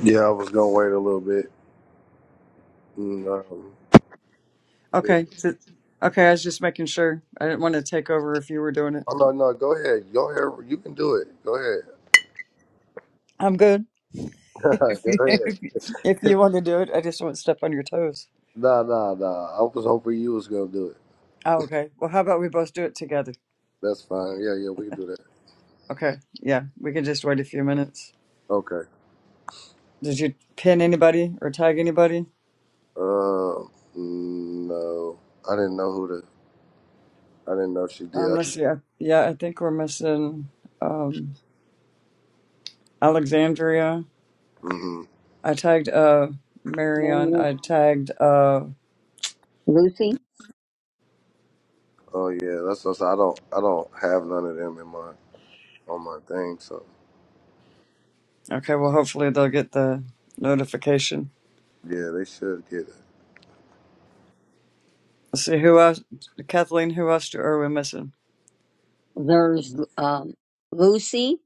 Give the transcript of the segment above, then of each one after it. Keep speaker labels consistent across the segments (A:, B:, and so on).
A: Yeah, I was gonna wait a little bit. And, um, if,
B: Okay. so- okay. I was just making sure. I didn't want to take over if you were doing it.
A: oh no, no, go ahead. Go ahead. You can do it. Go ahead.
B: I'm good. If you,
A: go ahead.
B: if you, if you want to do it, I just don't want to step on your toes.
A: Nah, nah, nah. I was hoping you was gonna do it.
B: Oh, okay. Well, how about we both do it together?
A: That's fine. Yeah, yeah, we can do that.
B: Okay. Yeah. We can just wait a few minutes.
A: Okay.
B: Did you pin anybody or tag anybody?
A: Um, mm, no, I didn't know who the. I didn't know she did.
B: Um,
A: I
B: let's
A: just.
B: see. I, yeah, I think we're missing um, Alexandria.
A: hmm
B: I tagged uh, Marion.
C: Mary-
B: I tagged. Uh,
C: Lucy.
A: Oh yeah, that's what I said. I don't. I don't have none of them in my on my thing. So
B: okay. Well, hopefully they'll get the notification.
A: yeah, they should get it.
B: Let's see who else. Kathleen, who else do- are we missing?
C: There's um, Lucy.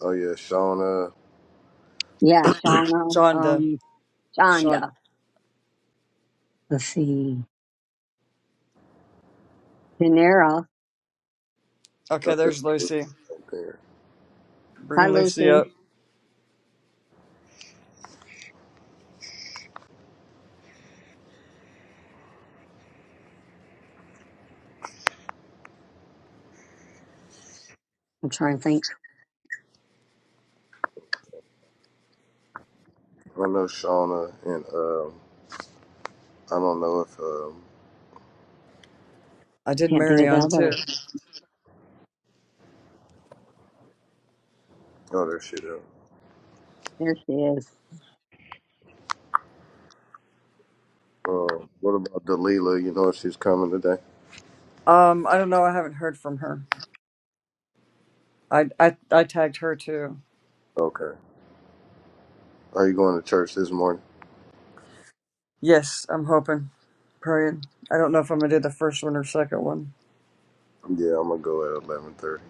A: Oh yeah, Shauna.
C: Yeah, Shauna.
B: Shonda.
C: Um,
B: Shonda.
C: Shonda. Let's see. Janera.
B: Okay,
A: Okay.
B: there's Lucy.
A: Right there.
C: Hi,
B: Bringing Lucy
C: Lucy.
B: up.
C: I'm trying to think.
A: I know Shauna and um. I don't know if um
B: I did
C: Can't think of the
B: Marion
C: other.
B: too.
A: oh there she is.
C: There she is.
A: Um, what about Delila? You know if she's coming today?
B: Um, I don't know. I haven't heard from her. I I I tagged her too.
A: Okay. Are you going to church this morning?
B: Yes, I'm hoping. Praying. I don't know if I'm gonna do the first one or second one
A: Yeah, I'm gonna go at eleven thirty.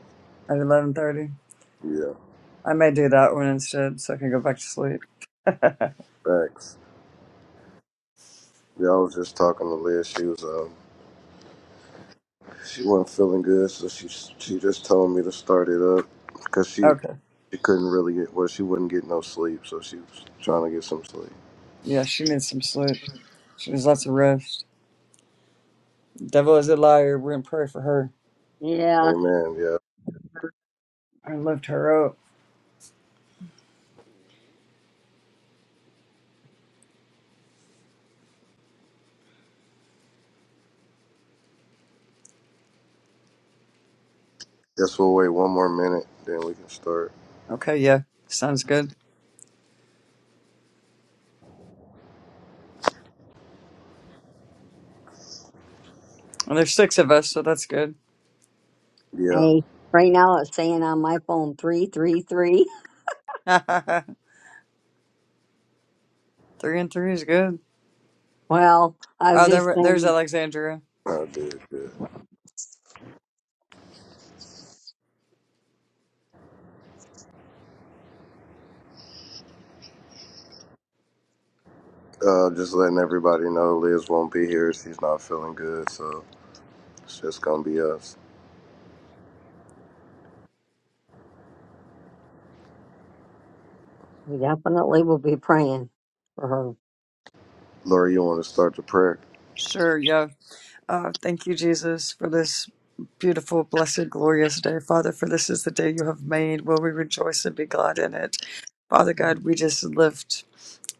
B: at 11:30.
A: Yeah.
B: I may do that one instead, so I can go back to sleep.
A: Thanks. Yeah, I was just talking to Liz. She was um she wasn't feeling good, so she she just told me to start it up because she
B: Okay.
A: she couldn't really get well she wouldn't get no sleep, so she was trying to get some sleep.
B: Yeah, she needs some sleep. She needs lots of rest. Devil is a liar. We're gonna pray for her.
C: Yeah.
A: Amen. Yeah.
B: I lift her up.
A: Guess we'll wait one more minute, then we can start.
B: Okay. Yeah. Sounds good. Well, there's six of us, so that's good.
A: Yeah.
C: Hey, right now it's saying on my phone three three three.
B: three and three is good.
C: Well, I
B: Oh,
C: just
B: there, there's
C: think
B: Alexandria.
A: I did good. Uh, just letting everybody know Liz won't be here. She's not feeling good, so it's just gonna be us.
C: we definitely will be praying for her.
A: Lori, you want to start the prayer?
B: Sure, yeah. Uh, thank you, Jesus, for this beautiful, blessed, glorious day. Father, for this is the day you have made. Will we rejoice and be glad in it? Father God, we just lift.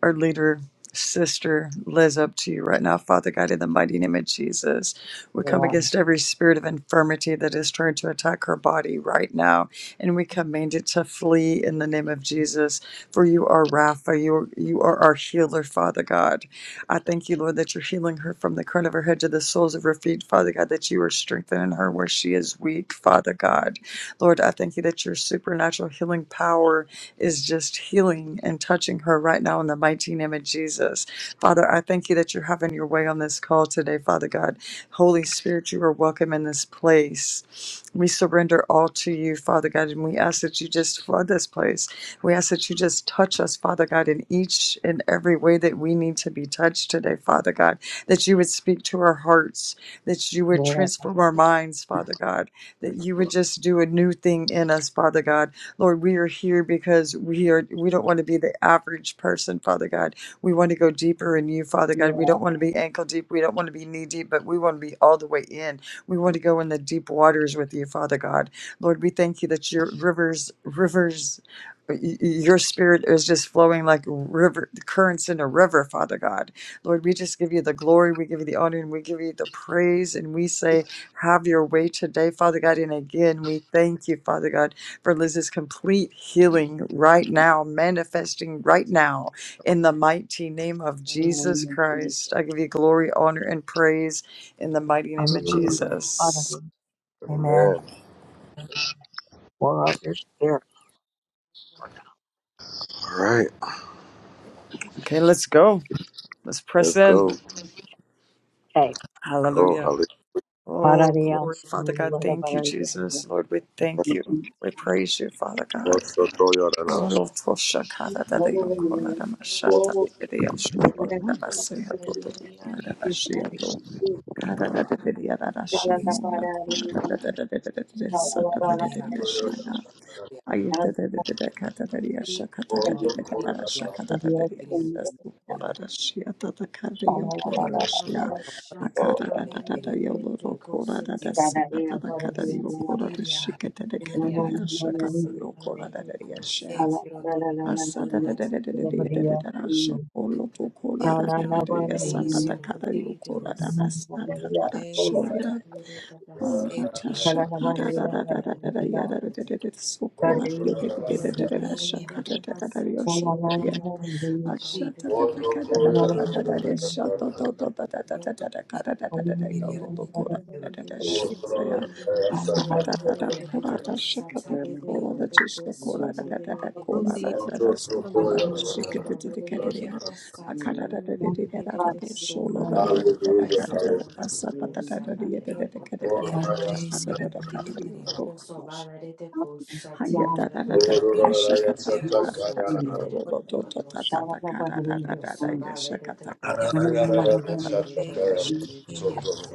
B: our leader, Sister Liz, up to you right now. Father God, in the mighty name of Jesus, we come
C: Yeah.
B: against every spirit of infirmity that is trying to attack her body right now, and we command it to flee in the name of Jesus. For you are Rapha, you are, you are our healer, Father God. I thank you, Lord, that you're healing her from the crown of her head to the soles of her feet, Father God, that you are strengthening her where she is weak, Father God. Lord, I thank you that your supernatural healing power is just healing and touching her right now in the mighty name of Jesus. Father, I thank you that you're having your way on this call today, Father God. Holy Spirit, you are welcome in this place. We surrender all to you, Father God, and we ask that you just flood this place. We ask that you just touch us, Father God, in each and every way that we need to be touched today, Father God. That you would speak to our hearts, that you would
C: Yeah.
B: transform our minds, Father God, that you would just do a new thing in us, Father God. Lord, we are here because we are we don't want to be the average person, Father God. We want to go deeper in you, Father God. We
C: Yeah.
B: don't want to be ankle deep. We don't want to be knee deep, but we want to be all the way in. We want to go in the deep waters with you, Father God. Lord, we thank you that your rivers, rivers, y- y- your spirit is just flowing like river currents in a river, Father God. Lord, we just give you the glory, we give you the honor, and we give you the praise, and we say, Have your way today, Father God. And again, we thank you, Father God for Liz's complete healing right now, manifesting right now in the mighty name of
C: In the
B: Jesus
C: name of Jesus.
B: Christ. I give you glory, honor, and praise in the mighty name of
C: Hallelujah. Father,
B: Jesus.
D: Amen.
A: Amen.
C: pour out your spirit.
A: All right,
B: Okay, let's go. Let's press
A: let's
B: in.
A: go.
C: Okay.
A: Go,
B: Hallelujah.
A: Hallelujah.
B: Oh,
C: Pararia
B: glory, Father God.
C: Sula
B: Thank you,
C: Pararia.
B: Jesus. Lord, we thank you. We praise you, Father God. Oh, Lord, for shakara da da yo da ma shata da da Shia.
D: Praise the Lord. Yana katia ti ti no yana kiri yana kiro sholo kori de hiri ti siri yana shiri yana katia e kiro soni e si siro si tiro ten yana
C: Shalala
D: ka
B: Sokola
D: e yana
C: Shalala
D: kiro so e kiro yana si e
A: Hallelujah.
D: kiro yana kiri yana si tiro
E: Thank
D: e yana katia Loroko hoti ki otiros kiro nera te
A: Hallelujah.
D: sera si lirino
B: Ashata
D: ko shiro ko nera te kiro ko nera harina te kiro
B: Yes,
D: inino ko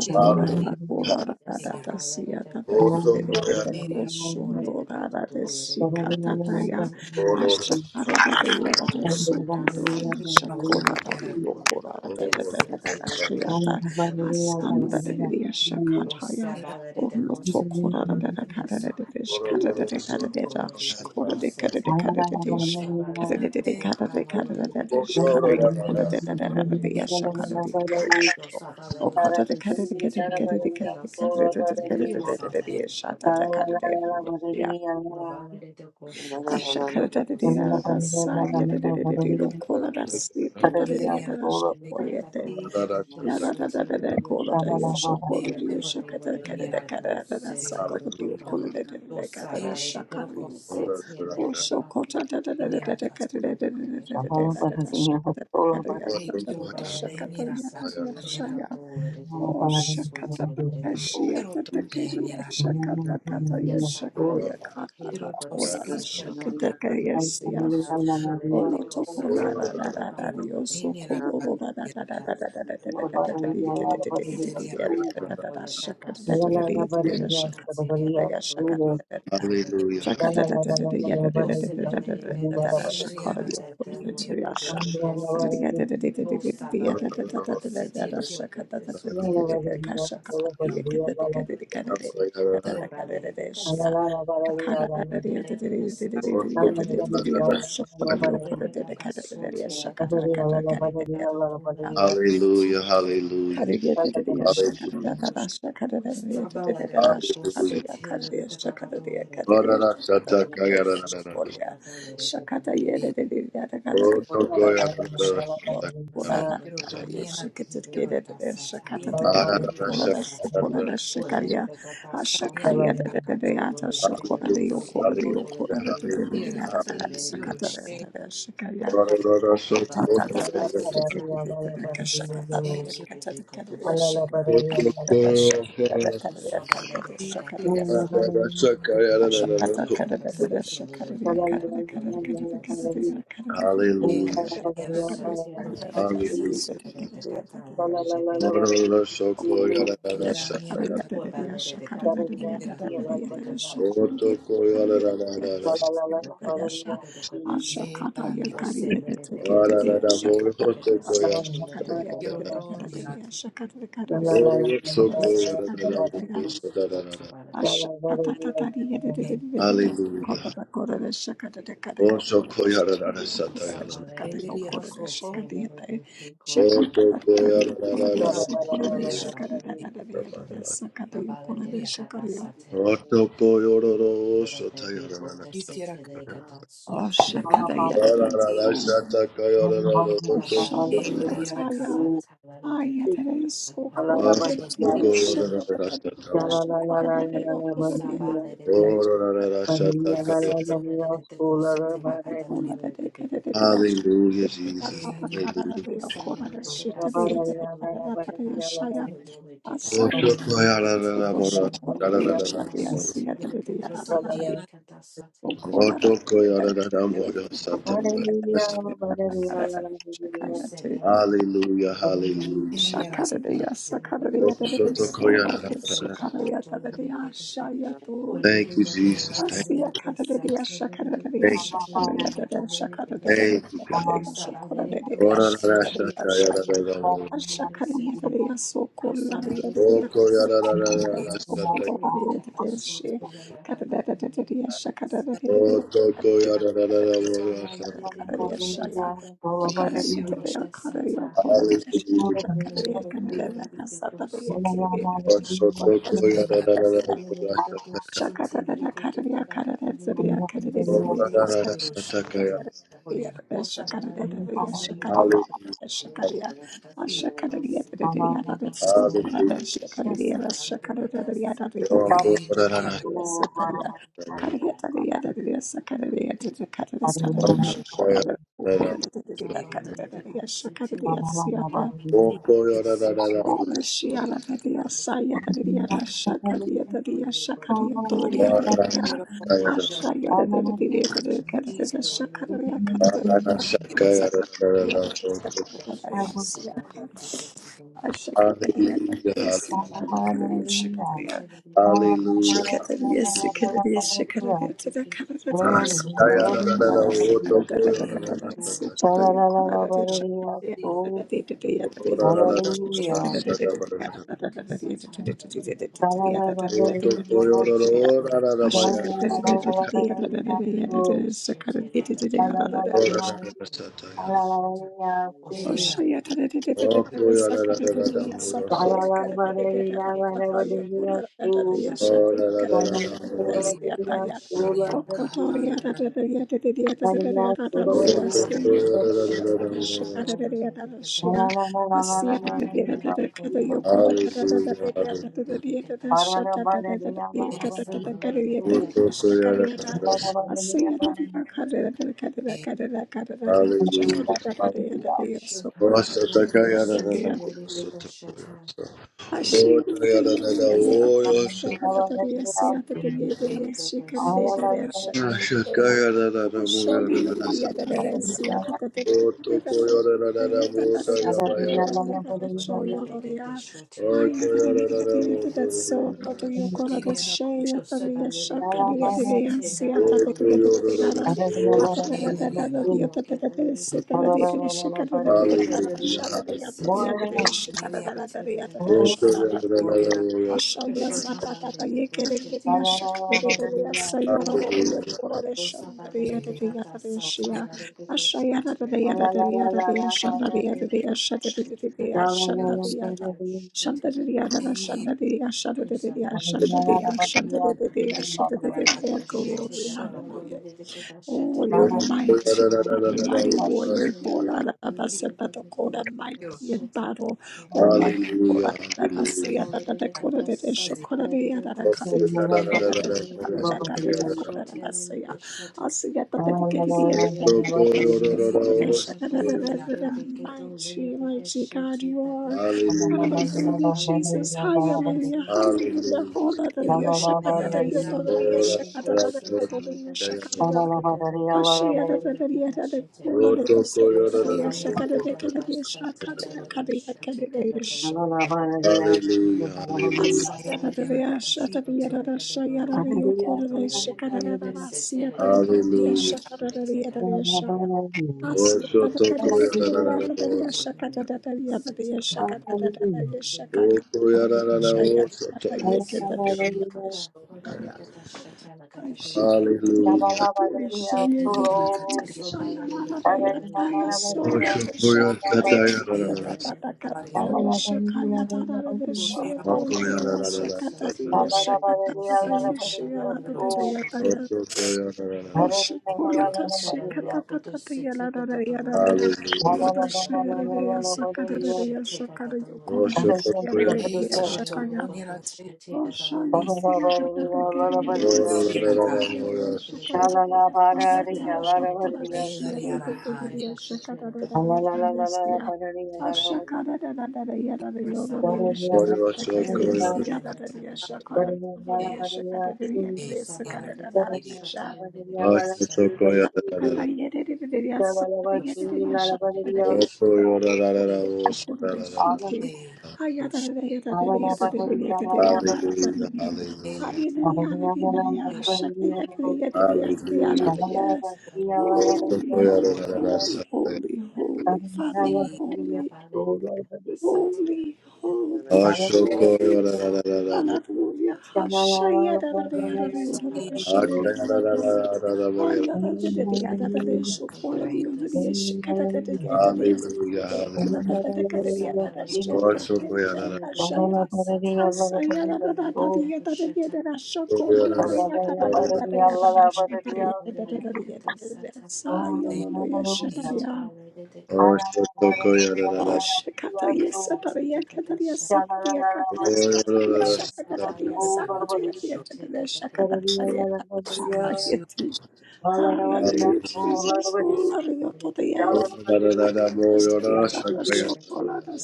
D: siro si siro
B: akola
D: eriro
B: radata siya tata kidele tata
D: eriro
B: koshombo radate
D: ko
B: shika tata ya asha radate ya tata
C: Shabala
B: soto dola ya
D: eriro ko
B: shakola
D: nera
B: radate yokola
D: te
B: radate
D: te
B: tata
D: si
B: tata
D: siro
B: shiya ta
D: ta
B: asanda radate ya shakata ya
D: nera
B: ono tokola radate kada radate fish kada radate kada radate shikola de kada de kada radate
D: kiro
B: sh kada radate kada radate kada radate sh kada yokola radate radate ya
D: e
B: shakada de kada Oh, God, de get de
D: si
B: get de get de get de get de
D: si
B: get de get de
D: kiro
B: get de
D: to
B: de
D: ne
B: it, de up, de can't do de de I shake
D: kiro
B: it, get de de de de de yeah, da,
D: to
B: da, da, da, de de de call it, that's it, da, da, da, da, yeah, da,
D: erina
B: da, so call it, eh.
D: si kiro
B: Yeah, da, da, da, da, da, call it, uh, yeah, so call
D: e
B: de yeah,
D: kiro
B: shake it, de it, de
D: ini raka
B: it, da, da, so
D: kiro
B: call de you
D: o
B: call de de de da, da, da,
D: e
B: da,
D: shiro
B: de it,
D: ko
B: you call. Oh, so call it, da, da, da,
D: ini
B: da, da,
D: raka
B: da, da, de de de de de de da, da, da, da, da, de it, da, da, da, da, yeah,
D: e
B: so, da,
D: kiro
B: da,
D: to
B: shake
D: ne ni
B: it, yeah,
D: raka
B: da, da,
D: ari raka
B: shake it. O shakata
D: kiro
B: kashiyata
D: to ne ni
B: takeriya
C: La
D: raka
B: shakata kata
C: la
B: yashakoya kata
D: kiro
B: ta
D: to
B: ola
D: si
B: da
D: sira e
B: shikata kayasiya. Olo toko la ra ra ra ra
D: kiro to
B: ri o
D: ne
B: so
D: ni
B: ko ro
D: raka
E: you.
B: ro ra ra
D: e
B: ra ra
E: Thank
B: ra
E: you.
B: ra ra ra ra ra ra ra ri te te te te te te te
D: leria
B: ri a ra ra ra ra shaka ra ra ra ra
D: kiro
B: ri te te ri a shaka ra ra ra ra shaka
D: to
B: ra ra
A: Hallelujah.
D: ne
B: ra ra
A: Hallelujah.
B: shaka ra ra ra ra ri a ra ra ra ra ra ra ra ra ra ra
D: e
B: ra shaka
D: leria
B: ra
D: na
B: ri o
D: si
B: ko ra ra ra
D: kiro
B: ri a sha ka
D: to
B: ra ri a ra ra ra ra ra ra ri a ra ra ra ra ra ra ra
D: si
B: ra
D: kiro
B: shaka ra ra ra
D: si
B: ra ra ra
D: kiro
B: ra ka shaka ra
D: kiro
B: ri e
D: ko
B: ka ra ra ka ra ra ka ra ra ka
D: e
B: ra ra
D: leria
B: ka ra ra ra shi a.
C: la
D: kiro ko e
B: Akara
A: Hallelujah, hallelujah,
D: kiro ko e kiro to
A: hallelujah,
B: Kariyadididiyah shakadadadada shakadadadididididada
A: hallelujah.
B: shakariya kariya shakadadiya kadariya
A: Orara sata kagara
B: shakadadakariya
A: na na na.
B: shakoriya
D: e kiro
B: shakadayedidididiyada
A: Oto koya
B: kadadiyadadada
A: na
D: e
B: shokulada
A: na
C: la
A: na.
C: la
D: Te quiero
B: kuladadada
A: Sata
D: toniana, te quiero
B: yeshikitidikidididida
D: si
A: kagara sata.
D: quiero
C: Shalala
B: shakadadakariya
A: Arara
B: kulada
A: sata kagara.
B: shokulada shakariya
D: toniana, te
B: ashakayadidididiyada shokulada
D: quiero
B: yokulada
D: todo.
A: Hallelujah, hallelujah,
D: Sierra,
A: hallelujah,
B: yokuladadidididiyadada
D: sí, sierra,
A: hallelujah.
D: she,
B: shakadadadada shakariya Yes,
A: Orara soko na na na.
D: te quiero
A: Oto koya na na na.
D: ti,
A: Arara sata kagara
D: sí,
A: na na na.
D: quiero
A: Hallelujah.
D: toniana, te quiero todo. Sí, sierra,
A: Hallelujah. Mororo soko yara
D: quiero
A: yara saka
D: toniana,
A: yara.
D: te quiero toniana, te quiero toniana,
A: Oto ko yara yara yara saka.
B: Yasha, Ashakata Yakari, the
A: Yara
B: Tekate,
A: yara moro
B: Shakata
A: soko
B: Kuala,
A: yara saka
B: Shakataria,
A: yara.
B: Kadere, Kadere, Shakata Kadere,
A: Ororo soko
B: Ola
A: yara yara
B: Shakata,
A: moro saka yara yara.
B: Ashakata
D: te quiero
B: Tatari,
D: todo.
A: Hallelujah.
B: Kota Kora, Shakata Kadere,
A: O
B: Ola
A: soko yara
B: Shakata,
A: yara saka
B: Okura,
A: yara.
B: Shakata,
D: El riero
B: Okura,
D: cojo,
B: Shakata, Shakata
A: Oto ko yara
B: Kadere,
D: el
A: yara
B: Okura,
A: yara
D: riero
C: Thank
D: cojo,
B: Shakura,
A: soko yara
D: el
B: Shakata,
A: saka yara.
B: Sakata, Okura,
D: riero.
B: Shakata,
A: Oto ko yoro ro sota yara yara saka.
D: Quisiera que
B: Oh, Shakata,
A: Yara
D: sí, quiero.
A: yara
B: Yadere,
A: saka yara yara oto ko yara
D: El
A: yara.
D: riera
B: Shamroyataya. Ayatele
A: Hallelujah,
B: sokolade
D: Quiero sí, quiero
B: shekata bidya
D: tela, así
B: sokolade yotodoriye bidya
D: quiero toco, sí, sí, quiero tocone,
B: sokolade de kade de kade shukye
A: Jesus.
B: tata
D: tela,
B: takara
A: Hallelujah.
B: de yokolade
D: quiero
B: shitariye de kade de kade yashaya
D: tela,
B: asaya to sokolade yashaya siya de de
D: quiero
B: yara rara de
D: toniana,
B: sokolade de
D: quiero
B: de sokolade de de kade de shakaya
A: Hallelujah, hallelujah.
D: tela, así,
B: Shakaradeya,
D: quiero
B: Sakaradeya, Dedeya,
D: quiero
B: Sola,
D: tocone,
B: Shakaradeya, Dedeya, Shayatu,
A: Thank you,
D: tela,
A: Jesus. Thank,
D: niana,
B: Asiya,
D: sí,
B: Karadeya, Shakaradeya,
A: thank, you,
B: Shakaradeya, Dedeya, Shakaradeya,
A: thank you.
B: Dedeya, Shakaradeya,
D: sí,
A: Ora ra
D: quiero
B: Shakaradeya,
A: shaka ya ra
B: Shaya,
D: quiero sí, sí, quiero tela, sí, sí, quiero sí,
A: ra ra mo.
B: Ashakaradeya,
C: you.
B: Dedeya, Sokola, Dedeya, Dedeya,
A: Oko ya ra ra ra ra
B: Shakaradeya,
A: ra
C: I
A: shaka.
B: Sokola, Dedeya, Dedeya, She, Karadeya, Dedeya, Shakaradeya,
A: Otoko ya ra ra ra ra mo ya shaka.
B: Shaya,
A: Hallelujah.
D: tela,
B: Shakara
D: sí, quiero yo, quiero tocone, sí, sí, tela,
A: Hallelujah.
D: niana,
B: Shakadariya, Shakadariya, Shakadariya,
D: sí, quiero quiero tela,
B: Shakadariya,
D: sí, quiero Eliana Castro Ciro Ciro
C: Hallelujah.
B: Shakadariya,
C: Hallelujah.
B: Shikadariya, sikadariya, shikadariya, tadakadariya, sukodariya, kodariya,
D: Eliana
B: shakadariya, sipatoyo, kodariya,
D: Ciro
B: shakadariya,
D: Ciro
B: tadadidadiya, tadayo, kodariya,
D: Sheila
B: shakadariya, tadadadadiya, tadadadadiya,
A: Hallelujah,
D: Ciro
B: tadadadadiya,
A: hallelujah.
D: Gloria
B: ashakadariya, tadadadiya, tadadadiya, tadadadiya, shakadariya, tadadadiya, tadadadiya,
A: Hallelujah.
B: Shut
D: Eliana Ciro Ciro Gloria Kahana Ciro Ciro
A: Hallelujah.
D: Ciro Gloria
C: Lord,
A: Hallelujah, hallelujah.
D: Eliana Costa Gloria
B: I Shandariya,
D: Eliana
B: Shandariya, Shandariya, Shandariya, Shandariya,
D: Eliana Ciro Gloria Eliana Gloria Ciro Ciro Eliana Casirio
B: Glory,
D: Shono
B: hallelujah. Oh, you're mighty, mighty, mighty warrior. Hola, da da da sa da da ko da, mighty
D: Ciro
B: in
D: Ciro
B: battle. Hola, hola, da da da da sa ya da da da ko da da
D: Dereva
B: shakura da da ya da da ka da shakura da shakura da da ka
D: quiero
B: da da ko da da da siya.
D: quiero
B: Asiya da da di ka di di ya da da sha ko da da
D: te
B: ko da shakura
D: quiero to
B: shakura da shakura da
D: ne ni
B: da
D: na
B: da da
D: ka
B: mighty, mighty God you are. Hallelujah, Jesus. Hallelujah.
C: Hallelujah.
B: Hallelujah.
A: Hallelujah,
B: Hallelujah.
D: to
B: Shakadada,
D: ne ni na
B: yododada,
D: ti
B: shakadada, yododada,
A: hallelujah.
B: shakadada, ya kula da yaso
A: Hallelujah,
B: kula
D: quiero ne ni na
B: Shakara
D: ti quiero to
A: hallelujah,
D: ne ni na ti quiero to ne ni
A: hallelujah.
D: na ti
A: Oshotokoyararararosa.
D: ti
A: Okoyararararosa.
C: Shalala
D: shi to
B: Shakaya
A: Hallelujah.
D: ne ni na ti ri ne ni
A: Oshokoyakatayarararasa.
D: na pari na quiero to ne
A: Makoyararararasa.
D: quiero quiero to
A: Otokoyararararasa.
D: ne quiero
A: Hallelujah.
D: te quiero
A: Oshotokoyararararasa.
D: to ho ni na te ti
B: Oshana siyada da da kerelere de
D: quiero ne ni na
B: sayada
A: Ororararararosa.
B: nerede şakarede de sonra diyor şokora
D: e
B: da
D: la ri
B: şiyata
D: na
B: da
D: ha ni
B: kediriye şakara da da yapan da siya. Aşakara da da da da yara da yolunu
C: Thank
D: quiero
B: yaşakara da kare
D: te ni
A: Oyosokoyarararasa.
D: na
B: yaşiyada da yaşakara da yolunu yaşakara da yere
D: Eh,
B: de
D: yara
B: sakara da da
D: kasirio
B: yaşa. Holy,
A: Oshotokoyararararasa. Hallelujah,
D: kosi,
A: hallelujah,
D: eh, siro
A: hallelujah.
D: shela, siro
A: Hallelujah,
D: kira kira
B: holy,
D: kosi,
B: holy,
A: hallelujah.
B: holy, holy, Father, you're holy, holy, holy,
D: siro
B: holy,
A: Hallelujah, hallelujah.
B: Hallelujah. Hashaya da da da ya
D: koman,
B: da da ya da da ya sha
D: sirio
B: da da ya da da ya.
D: kokira,
B: Aya da da da da ya da da da ya sha kola
D: yara
B: bi ya da da ya sha ka da da da
C: you.
B: ya da da ya sha da da ya
C: Oh,
B: sha da da da ka da da ya da da
D: yati,
B: sha da da ya da da ka sha ya. Asaya da da da da da ya da da ya da da sha kola da ya da da da da da ya da da sha da da ya da da da da da ya da da da da ya sha ya da
D: yati,
B: da ya sha da da
D: siro
B: ya. Oh, shakata yesa tariya katariya satariya katariya satariya
D: yara,
B: shakata tariya
D: siro tu,
B: satariya tariya
D: siro
B: tariya shakata tariya
D: kosi, siro
B: shakayeti. Hallelujah, Jesus. Oh, Maria, today. Akata
D: kira
B: siyata
D: kote,
B: shokola da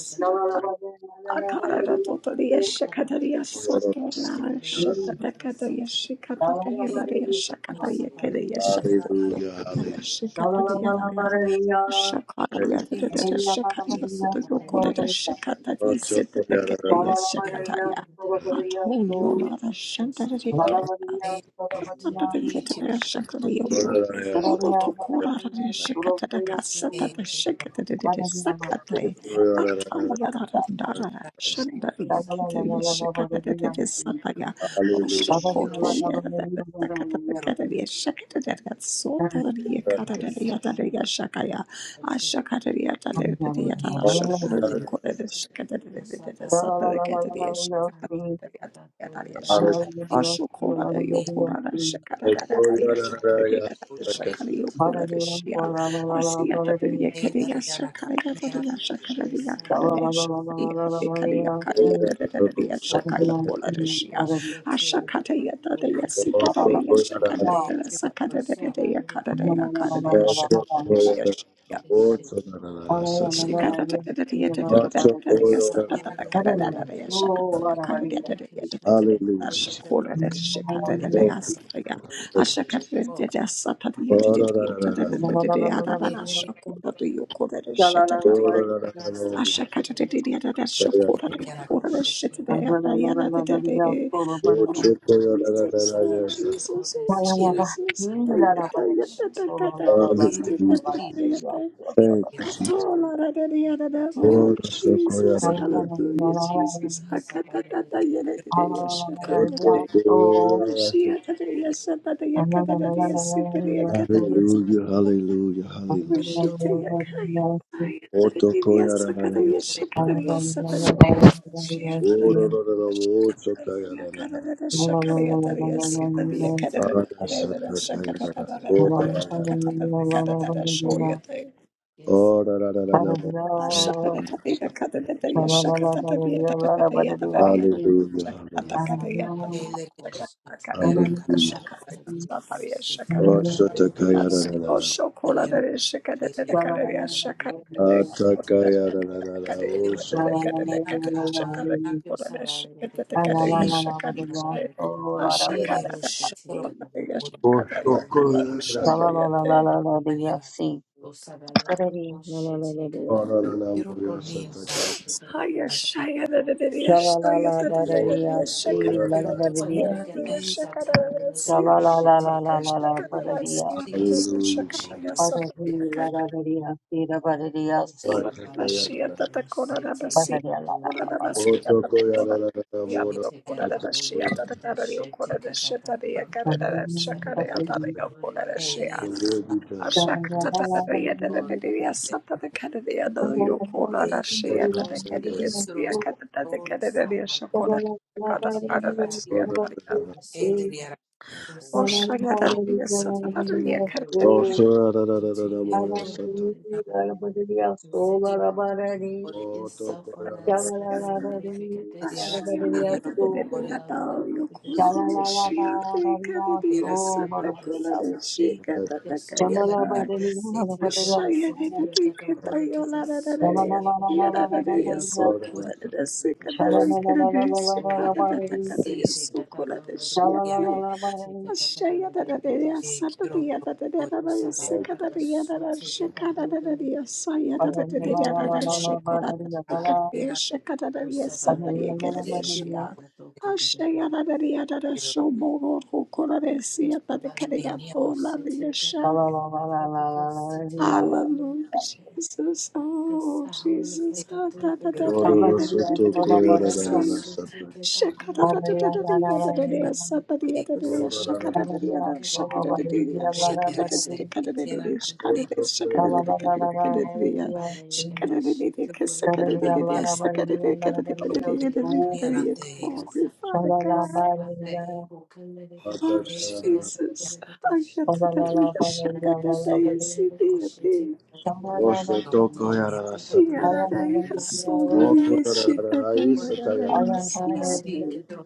B: shakatariya sato nara takatariya shakata tariya
D: siro tu,
B: shakatariya kariya
D: mikari yara kati, siro
B: shakatariya Shakaya da
D: ti,
B: da
C: Thank
B: da
D: siro
B: Shakaya da Yokore
D: ke,
B: da Shakata di Sita da Kaya
D: siro
B: Shakataya. Ato
D: tu,
B: Yola da
D: eh, ti,
B: Shakaya,
D: siro kotori, eh, siro kira, siro sho, siro ta, siro ni, ni, akate, to,
B: Yatarisha.
D: eh,
B: Ashokora de
D: ti,
B: Yokora and Shakara da Shakara
D: siro
B: de
D: she,
B: Shakari Yokora de Shia. Asiata de
C: you.
B: Yakaria
D: Heydari yana
B: Shakara
D: kasi yana
B: Yataria Shakara de Yakara de
C: Solo
D: kasi
B: Shakaria Kadea Shakariata de Karia Karia de Shaka
A: Hallelujah.
B: Yokora de Shia. Ashakata Yata de Yasita de Yashakara
D: e
B: de
D: kiro
B: Sakara
D: toniya
B: de Yakara de Yakara de Shakara de
D: shi
B: Yashia. Oh,
D: heydaro koto yana kasi shi o heydari heydari yana kiro te
A: Oh, Choko
B: Jesus,
A: Yadadadada,
B: oh
A: yes.
B: Jesus, oh
D: tin yana
B: Jesus.
D: ka heydaro
A: Hallelujah.
D: si tin
A: Thank you,
D: yana
B: Oh,
A: Jesus.
D: kiro
A: Oh, Choko
D: ka
B: Jesus.
A: Yadadadada.
B: Hallelujah, Jesus.
D: e kiro
C: Shalala
D: yana
A: Oh,
B: Hakatatatayeleleleyeshakoyete.
A: Choko Yadadadada.
D: si
B: Ashiyatatayeshatatayakatatatasitatakatayasa.
A: Hallelujah, hallelujah,
D: kiro
A: hallelujah.
D: to
A: Oh, Choko Yadadadada.
D: te
A: Oh, Yadadadada. Oh,
D: yana
A: Choko Yadadadada.
D: not
A: Parada
D: kiro yana
A: Sata Yadadada. Oh, Taba Yadadada.
B: Shakata
A: Oh, Yadadadada. Hallelujah,
D: heydari
A: hallelujah,
D: yana ka
A: hallelujah.
D: yana
A: Oh, Sata
D: si si
A: Yadadadada.
D: heydari yana te kiro kiro to
A: Atakayarararara,
D: ni yana ka han yana
C: La la
D: kasi
C: la la
A: Hallelujah,
C: la la la. Oh, la la
D: si
A: Jesus.
C: la la.
D: yana
B: Ashakata,
D: shoro kuro
C: La la la la la la la la.
D: yana
C: See. La la la la la la la. See.
D: Quiero dormir na casa.
B: Hiya shaya da da da da
C: La la la
B: shaya
C: la
B: da da
C: la la
B: da da
C: la.
B: da shaka
C: See.
B: da
C: La
B: da
C: la
D: Quiero
C: la
B: da
C: la
D: dormir
C: la.
D: na
B: so da
C: See.
B: da shaka da da da
C: La
B: siya
C: la la la la
B: da
C: la
B: shaka
C: la
B: da
C: la.
B: da
C: La.
B: siya da
C: See.
D: Texas.
B: da shaka
D: Quiero
B: da ya
C: La
B: so
C: la
B: da da kaya
C: la la la la. See. La la la la. See. La
B: ola mashiya da da kora da da siya
C: la
B: ola da da siya da da kora siya da
A: Otokoyarararamodo,
B: da kora da da siya da
A: otokoyarararamodo.
B: da kara da kora da shaka da ya kara
C: la la la
B: da da shaka da
D: ele
A: The
D: a
A: will be
B: Ashia
A: done.
D: tote. E quiero
A: Otokoyarararamodo,
D: tosis ros tote.
C: la
A: otokoyarararamodo.
D: Ele
C: la.
D: riara ros
C: Shalala
D: tote. Quiero
A: Osoyararararamoyo,
D: dormir
A: sotoko-
D: na chi. Ore
A: otokoyarararamodo.
D: riara riara ore
A: Otokoyarararamoyo,
D: riara kiroto
B: Shaya
D: Ele riara casi. Quiero ore
A: sotoko-
D: sis riara casi. Quiero dormir. Quiero dormir. Si tiro
B: Ashayana Riada
D: quiero
B: Shomoro, Koraresia,
D: te
B: Padekaria,
D: niero
B: Bola, Yasha,
C: Shalala
B: Hallelujah, Jesus. Oh,
D: se
B: Jesus. Ah, da, da, da,
D: quiero
B: da, yeah,
A: Ororo
B: da, da, da,
A: soto
B: da, da, da, yeah,
D: ta
B: see.
A: koyarararara sata.
B: Shaka, da, da, da,
D: quiero
B: da, da, da, yeah, da, da, da, yeah,
D: ta
B: sa, da, da, yeah,
D: te
B: da, da, da,
D: quiero
B: yeah, shaka, da, da, da, yeah, da, shaka, da, da, da, yeah,
D: te
B: shaka, da,
D: yara
B: da, da,
D: se
B: da, ka, da, da, da, da,
D: yara ka
B: shaka, da,
D: te
B: da, shaka, da, da, da,
A: Hallelujah.
B: ka, da, da, da, ka, da, da, da, yeah. Shaka, da, da, da, da,
D: quiero
B: ka, saka, da, da,
D: ta
B: da, da,
D: te
B: saka, da, da, ka, da, da, ka,
D: o
B: da, da, yeah,
D: quiero
B: da, da, da, da,
D: niera
B: yeah.
D: te
B: Glory, Father
D: se
B: God.
D: te
A: Thank
B: Oh,
D: quiero
A: you.
B: Jesus. Ah, yeah, da, da, da, yeah, shaka, da, da, yeah, see, da, yeah, da,
D: te
A: Oh,
D: to o
A: Shotokoyara.
D: niera
A: Hey.
B: Yararayı solu
A: Oh, Lord,
B: diye
D: quiero
A: Shotokoyara.
B: şiddete
A: Lord,
D: ore
A: Shotokoyara.
B: yararayı
D: ti si
B: siyade.
D: quiero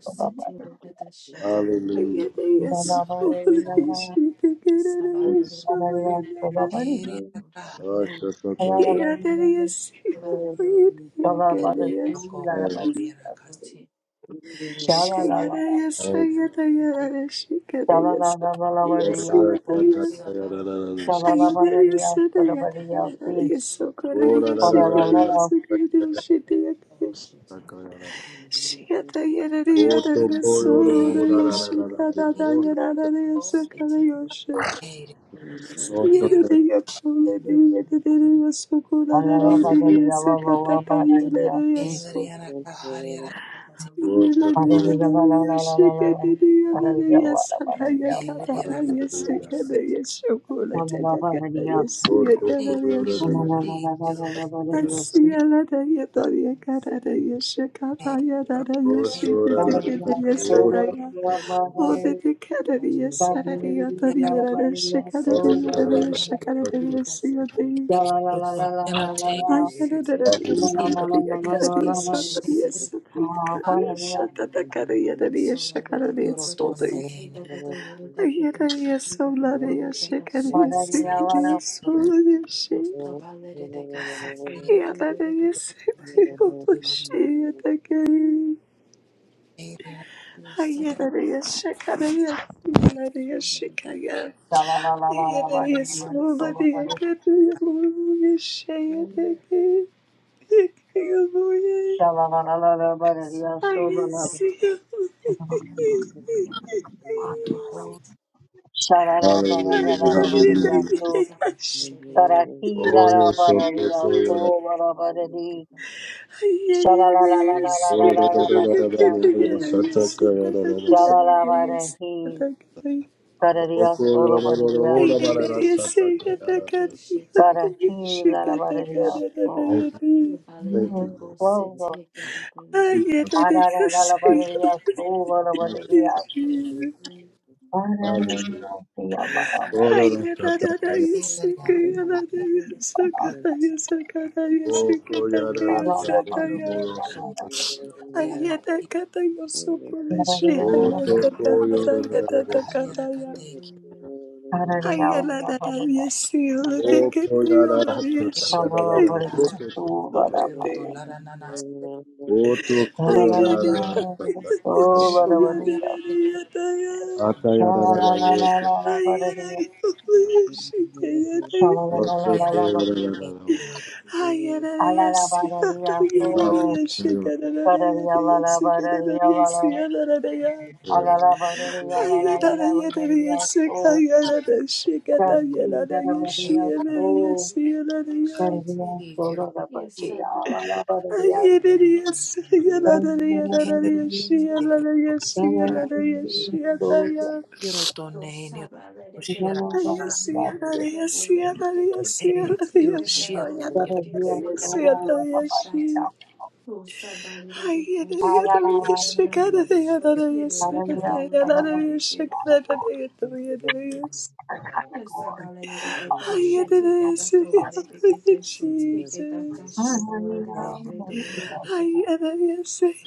A: Oh, Shotokoyara. Oh, Shotokoyara. Hallelujah.
B: Yedeye solu
D: o
B: şiddete yararayı şamayanlara.
D: heria ka
A: Oh,
C: Shalala
A: Shotokoyara.
B: Yadeye
E: Thank
B: siyamayı
E: you.
B: diye
D: el
B: gedeye.
D: loco
E: Thank
D: oriera ka
B: Şeyadeye sayada yarara şiddeye sayada siyadaya.
D: quiero
B: yasada sadaya yararayı sokara diye şiddete yararayı
D: quiero
B: şiddete. Shikata yarare
A: Oh,
D: quiero
B: yarare
D: ne
B: sororo
D: niera
B: yoshikata da
D: quiero
B: yarare
D: o
B: yosakara yoshe.
D: heria quiero
B: Siyerere yakulere yerere yosukulere yerere yosakata da yerere yosu.
D: heria
B: Yerere
A: Shotokoyara.
B: yarare yoshikata da yarare yosada
D: Eh,
B: yakata
D: William
B: da yosikata
D: Akabiki,
B: yoshukulete da kata
D: sí,
B: yosiyakata
D: sí,
B: yoshi.
D: sí, quiero
B: Asiyalada yadari yakarada yoshikata
D: tener, quiero
B: yarare
D: tener,
A: Hallelujah,
B: yoshikata da
D: voy a
B: yosada ya.
D: quiero
B: Oh, the Canadian Saturday,
D: tener a
B: Anthony, and other Chicanity, and
D: Akabiki,
B: other Chicanity, and see a day.
C: Shalala
D: quiero tener a te,
B: I had a Canadian
D: quiero
B: Saturday, a
D: sí,
B: Canadian
D: quiero
C: Barahi,
B: Saturday, a
D: siempre,
B: Saturday, a
D: ah,
B: Canadian Shatata, Canadian, and a Chicanity, and
D: quiero
B: Soldy.
D: tener,
B: I had a yes, so bloody, a
D: sí, quiero
B: Chicanity, and
D: sí,
B: Sicanity, and
C: Paradia
D: quiero tener, quiero tener, quiero tener, quiero sí, quiero tener, quiero tener, quiero
B: Soldy, and she. He had a yes, oh, she, and the gay. I had a yes, Chicanity, and Bloody, and Yederi sola diye kadın şey yederi yederi aynısı yederi de
A: hallelujah.
B: yaş
E: you.
A: Oh, your
B: yederi
A: Sotoko,
B: sola
A: your
E: Thank
A: Oh, da da da da da,
B: kadın
A: your
B: yederi
A: Sataka,
B: sola da yederi sola yederi sola kadın
A: your
B: yederi sola da yederi.
A: Oko,
C: Solo
A: your Oh,
B: I
A: da
C: Paradia
B: get
A: da
B: a
A: da, Sataka,
C: Gotta heal la about it, yeah.
A: your
C: So,
A: Thank you, thank you,
C: you
A: Lord.
C: flow, Lord.
A: We are
C: Ah, la la da,
B: Yes,
C: da, la
A: sick.
B: I
C: da, yeah. So, ba, la ba, da,
B: Yes,
C: la
A: Hallelujah.
C: See. Ba, da, la yeah. See, ah, ba, da, ba,
A: Oh,
C: da,
A: da da, Sataka,
C: da.
A: your Oko, your da
C: Da,
A: da
C: da,
A: da da,
C: da, ba, da,
A: your
C: yeah.
A: Sataka.
C: Ba, da, da, yeah, da,
A: Oh,
C: da, ba, da, yeah.
A: Sotoko, your da da da da, Sataka.
D: tener,
C: Da, da, da, yeah,
D: quiero
A: O koyara
D: tener, quiero
A: sata
C: ba, da, ba, da, yeah. Da, ba,
A: yarara
C: da, ba,
D: tener,
C: da,
A: roto
C: yeah. So, ba,
A: koyara.
C: da,
D: Quiero
C: ba, da, yeah.
D: tolar a nanas,
A: Oto
C: La, la, la, la, la, la,
A: koyara yarara
C: la.
A: sata
C: So,
A: yarara.
D: quiero
C: ba, da, ba, da,
D: toname a
C: yeah.
D: te
A: ata
C: Sha, la,
A: yarara
C: la, la,
D: quiero
C: la,
A: roto.
C: la, la, ba, da, yeah. Sha, la, la, la, la,
A: Oto
C: la,
D: Diana
C: la, la.
A: koyara
D: Casi,
A: yarara.
D: quiero
C: Ah, la, la,
B: Yes,
C: ba, da, yeah.
D: te
C: So.
A: Apo
D: quiero
A: koyara.
C: Bararia la la bararia la la a la
D: te
C: la bararia la la
E: you.
C: la la bararia so Santi la la bararia
D: quiero
C: so Sandia
D: sí,
C: so
D: quiero
C: la la
D: sí,
C: bararia la la bararia so la bararia
D: quiero sí,
C: Sandia
D: quiero
C: so la
D: quiero tone, quiero shiera,
C: la bararia so
D: eh, quiero shiera, quiero
C: Bararia so
D: Diana
C: la la bararia a
B: Jesus.
C: la
D: quiero
C: la bararia Bararia so la la bararia Bararia la la bararia so
D: quiero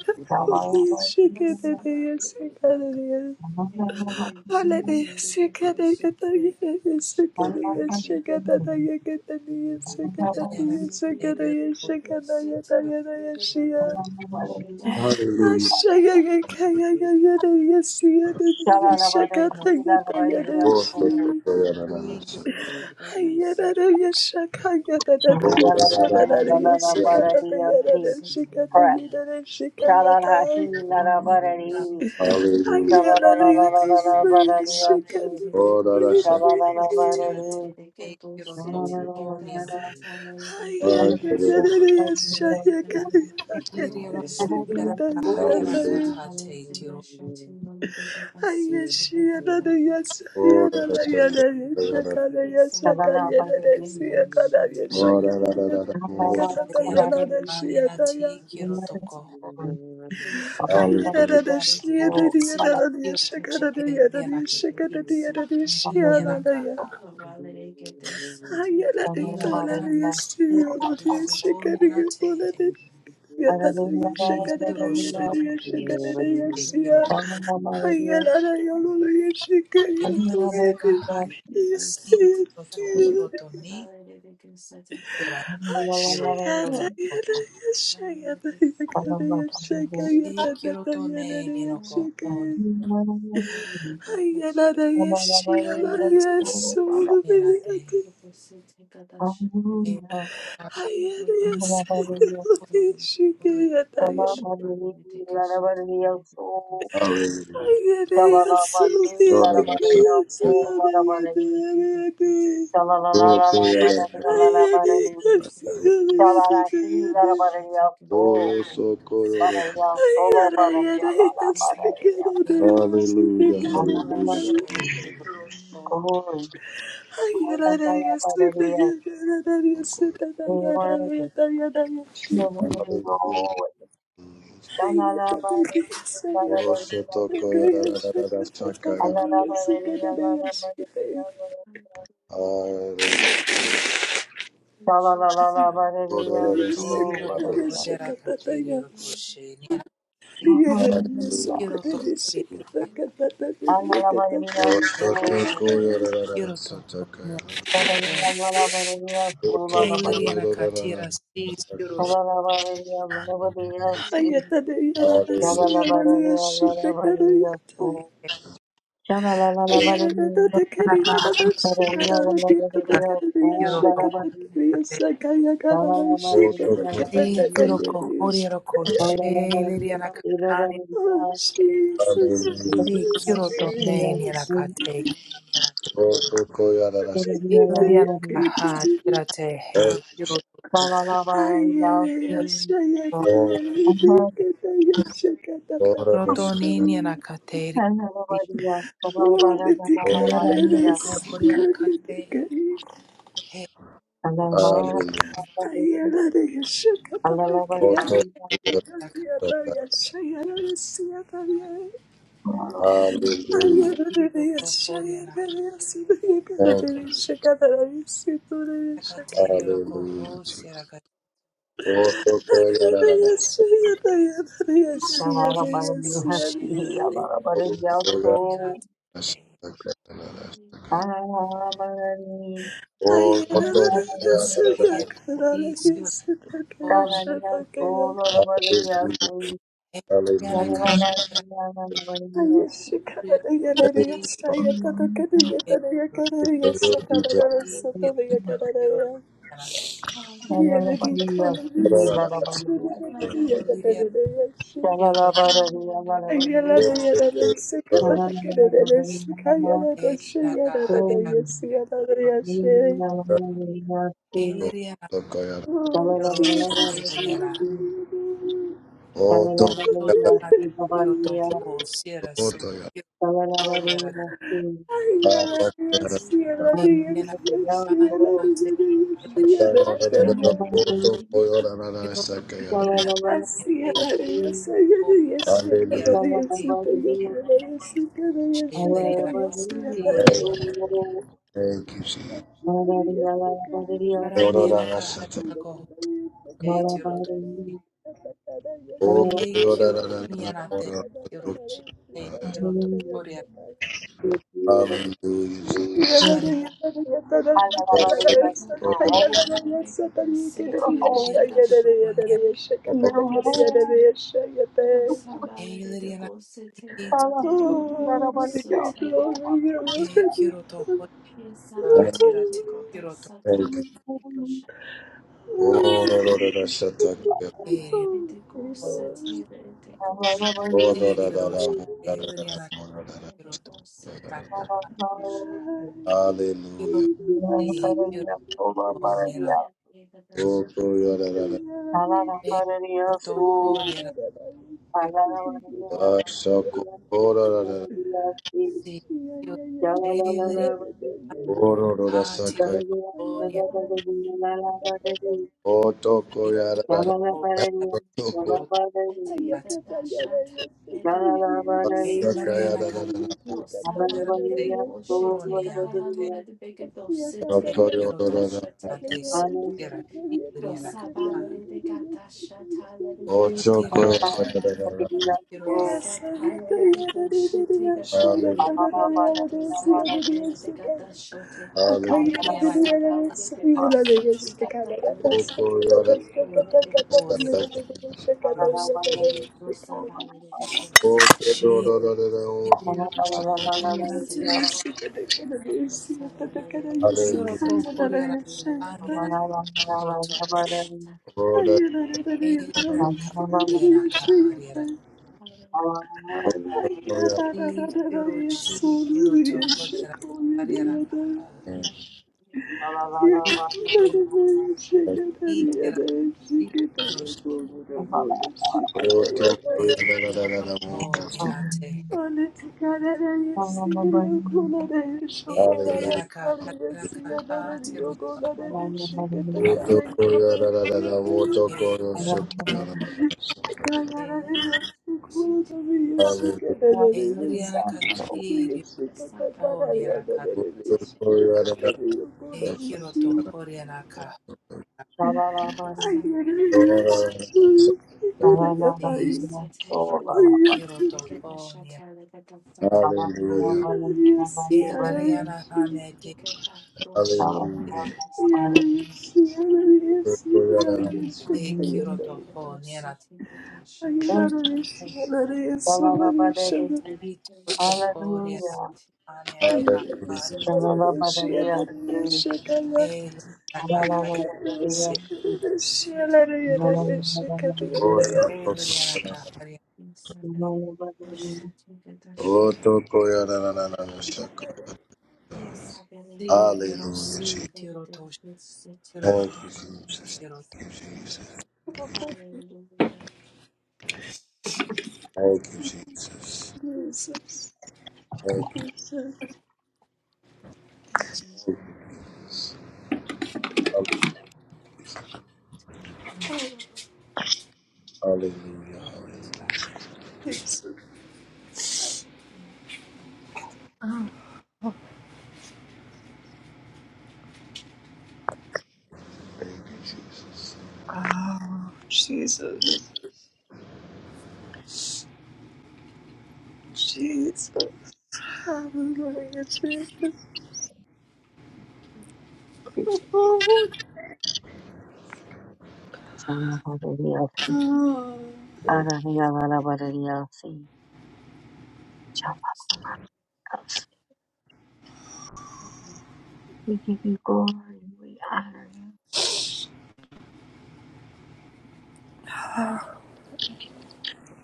E: Thank
C: la la bararia Shalala
D: quiero Diana Casi, quiero
B: Hallelujah. Ay,
A: Hallelujah.
D: quiero Diana
A: Oto koyara yarara
D: Casi,
A: sata. Oto yarara yarara.
D: quiero
A: Hallelujah. Oh, that I said,
D: O tira te tiro to o nira
E: you.
A: Hallelujah.
E: Thank
D: tiro to tira
A: Oh,
D: hate tiro
B: Yes,
A: that I said, Oh, that I said,
D: tira ka anira ti kiro to ko ho
C: Hallelujah.
A: Hallelujah.
D: si tiro she tira ti inira ha ela si tiro to ho nira te he si tiro shono ko tiri te kiro
B: Ayarara yolunu şeker
D: ela
B: yaptım
D: tira ka
B: yedim.
D: hari ka si tiro to kiro
B: Yedim.
D: to ni tira tiro shono
B: Aşağıda
D: ko
B: yere aşağıda yukarıya şeker
D: E kiro
B: yatağında
D: to ne ni
B: yerlere
D: no ko ho
B: şeker. Ayarara
D: ni
B: yaşayalar
D: kiro
B: yasolu
D: ne na
B: beni
D: te.
B: yedi.
D: E ka hapo
B: Ayarara yasolu şeker
D: ni
B: yatağında.
D: shi e
A: Hallelujah.
B: Ayarara
D: mare
B: yasolu
A: Oh,
B: yedi
A: that
B: ki
A: I
D: ko.
B: yaşayana yedi yedi yedi.
C: la la la la la,
A: Hallelujah,
C: barani la
A: hallelujah.
C: la
B: Ayarara
C: barani
B: yasolu
C: la la. la
B: yedi
C: si la, la
B: yedi
C: barani la so barani la
B: Yes,
C: solo barani la la la barani la
D: E ti
C: ana la
D: kiro
A: Hallelujah.
D: sho
C: barani
D: kiro o
C: koi ana la la barani la koi no one will go away shala la
A: Oh,
C: si
A: Sotoko, yada, shaka, yada. Hallelujah.
C: So solo Ana ana
A: Oh,
D: si
A: shaka,
D: riro ko
A: yada.
D: ho
C: Shalala
D: ni ra ka te riro ko she ni na si
A: Hallelujah.
D: kiro to kuri ra ka
A: Oh,
D: si
C: Analabandiya,
A: Sotoko, yada, yada, yada, Sotoko, yada,
D: kiro to ho
A: shaka,
D: ni ra
C: Thank
D: E si
A: Hallelujah.
B: Oh,
A: Oh, Sotoko,
D: Si quiero cojorio coche, liria na catania,
B: Jesus,
A: hallelujah.
D: si
B: Jesus,
D: quiero tone ni na
B: Jesus.
D: cate,
A: Oh, Sotoko, yada, shaka,
D: liria caja, tirate he, quiero to, quiero
A: Oh, yada, shaka,
D: tone ni na cate, si, liria
A: Hallelujah.
C: you.
D: na cojorio cate,
B: Oh,
D: he,
C: Thank
D: coche,
B: Yes,
A: Koto koyarara.
D: na cate,
A: Hallelujah. Thank you.
D: Rakateri
A: Hallelujah.
D: rokohosi rakatei
A: Koto koyarara.
D: siroshende
A: Koto koyarara.
D: oni
C: you.
D: rakatei
A: Koto
D: rotoni
A: koyarara.
D: iriasi oni
A: Hallelujah. Hallelujah.
D: yarakatera rakatei
A: Thank you, Father.
D: rosi
A: Glory be to
D: sirosi sirakiro
B: Oh, Jesus,
A: God.
D: rakatolia sirosho
A: Koto koyarara. Koto
D: erakahaya
C: Hallelujah. Hallelujah.
D: rotelia siroshelia
B: hallelujah.
A: koyarara.
D: rakiro rakiro toho
A: Koto
D: sirasi
A: koyarara. Koto koyarara.
D: Kiroto,
A: Hallelujah. Thank you,
B: Así ganaría, seguiría, checaría, si te yo quedaría, si quedaría, checaría, si ganaría, checaría,
A: Jesus. Hallelujah, Jesus. Thank
B: si
C: You're holy. You're holy.
B: quedaría, si
C: Elohim,
B: Oh,
C: Yahweh,
B: Glory, glory, glory.
A: you.
C: Yahweh.
A: Hallelujah.
D: Raka akiro si kiro nira te kiro to horira kiro si kiro sheliri pa tiro to honira i kiro to ho
B: Thank you.
C: Yahweh,
D: shira
A: Hallelujah.
D: kiro to
C: Yahweh,
D: honira te
B: Yes,
C: La la
D: heilari
A: Hallelujah.
D: anaka horira se kiro ni ana te e kiro to honira te si sira shiliri anaka ha kiro Tira kiro to ni anaka kiro to horira kiro
B: I
D: si Beautiful, holy and I take
B: Yes,
D: you to holy and I honey and I
C: la
D: you to holy and I kahari and I kahari and I see you she you to holy and I kahari and I kaha see you eat and I see you
C: la
D: she you to holy and I take
B: Yes,
C: Hallelujah.
D: every and I kahari and I kaha you to
C: Hallelujah.
D: holy you know holy every and I kahari you holy E kiro
A: Hallelujah.
D: toho riana ka
A: Hallelujah.
D: si so kiro toho
A: Hallelujah.
B: yes,
D: E la riana
B: yes, yes.
D: hane
A: Hallelujah, Jesus.
B: Oh,
D: e kiro
B: Jesus,
D: toho niana tiro si si tiro toho riana hane na ka E la riana ka e la riana ka Si riro si tiro to si to
A: Thank you, Jesus.
D: kiro
A: Thank you, Jesus. Thank you, Jesus. Thank you.
B: Jesus.
A: Hallelujah. Hallelujah. Thank you, Jesus.
B: Oh, Jesus, Jesus, hallelujah, Jesus. Oh,
C: Hallelujah.
A: Thank
C: Hallelujah. Hallelujah. Sing. Shabbat. We give you glory. We honor you.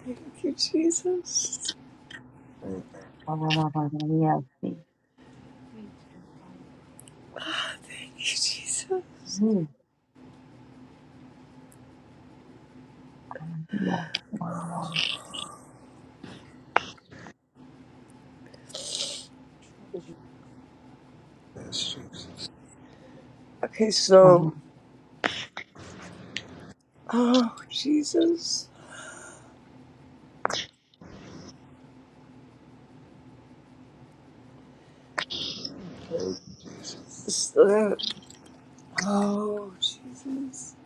B: thank you, Jesus.
A: you.
C: Shabbat. Hallelujah. Sing.
B: Thank you, Jesus.
C: Hallelujah.
E: you.
A: Yes, Jesus.
B: Okay,
C: Shabbat.
B: so, oh, Jesus.
A: Thank
B: So, oh, Jesus.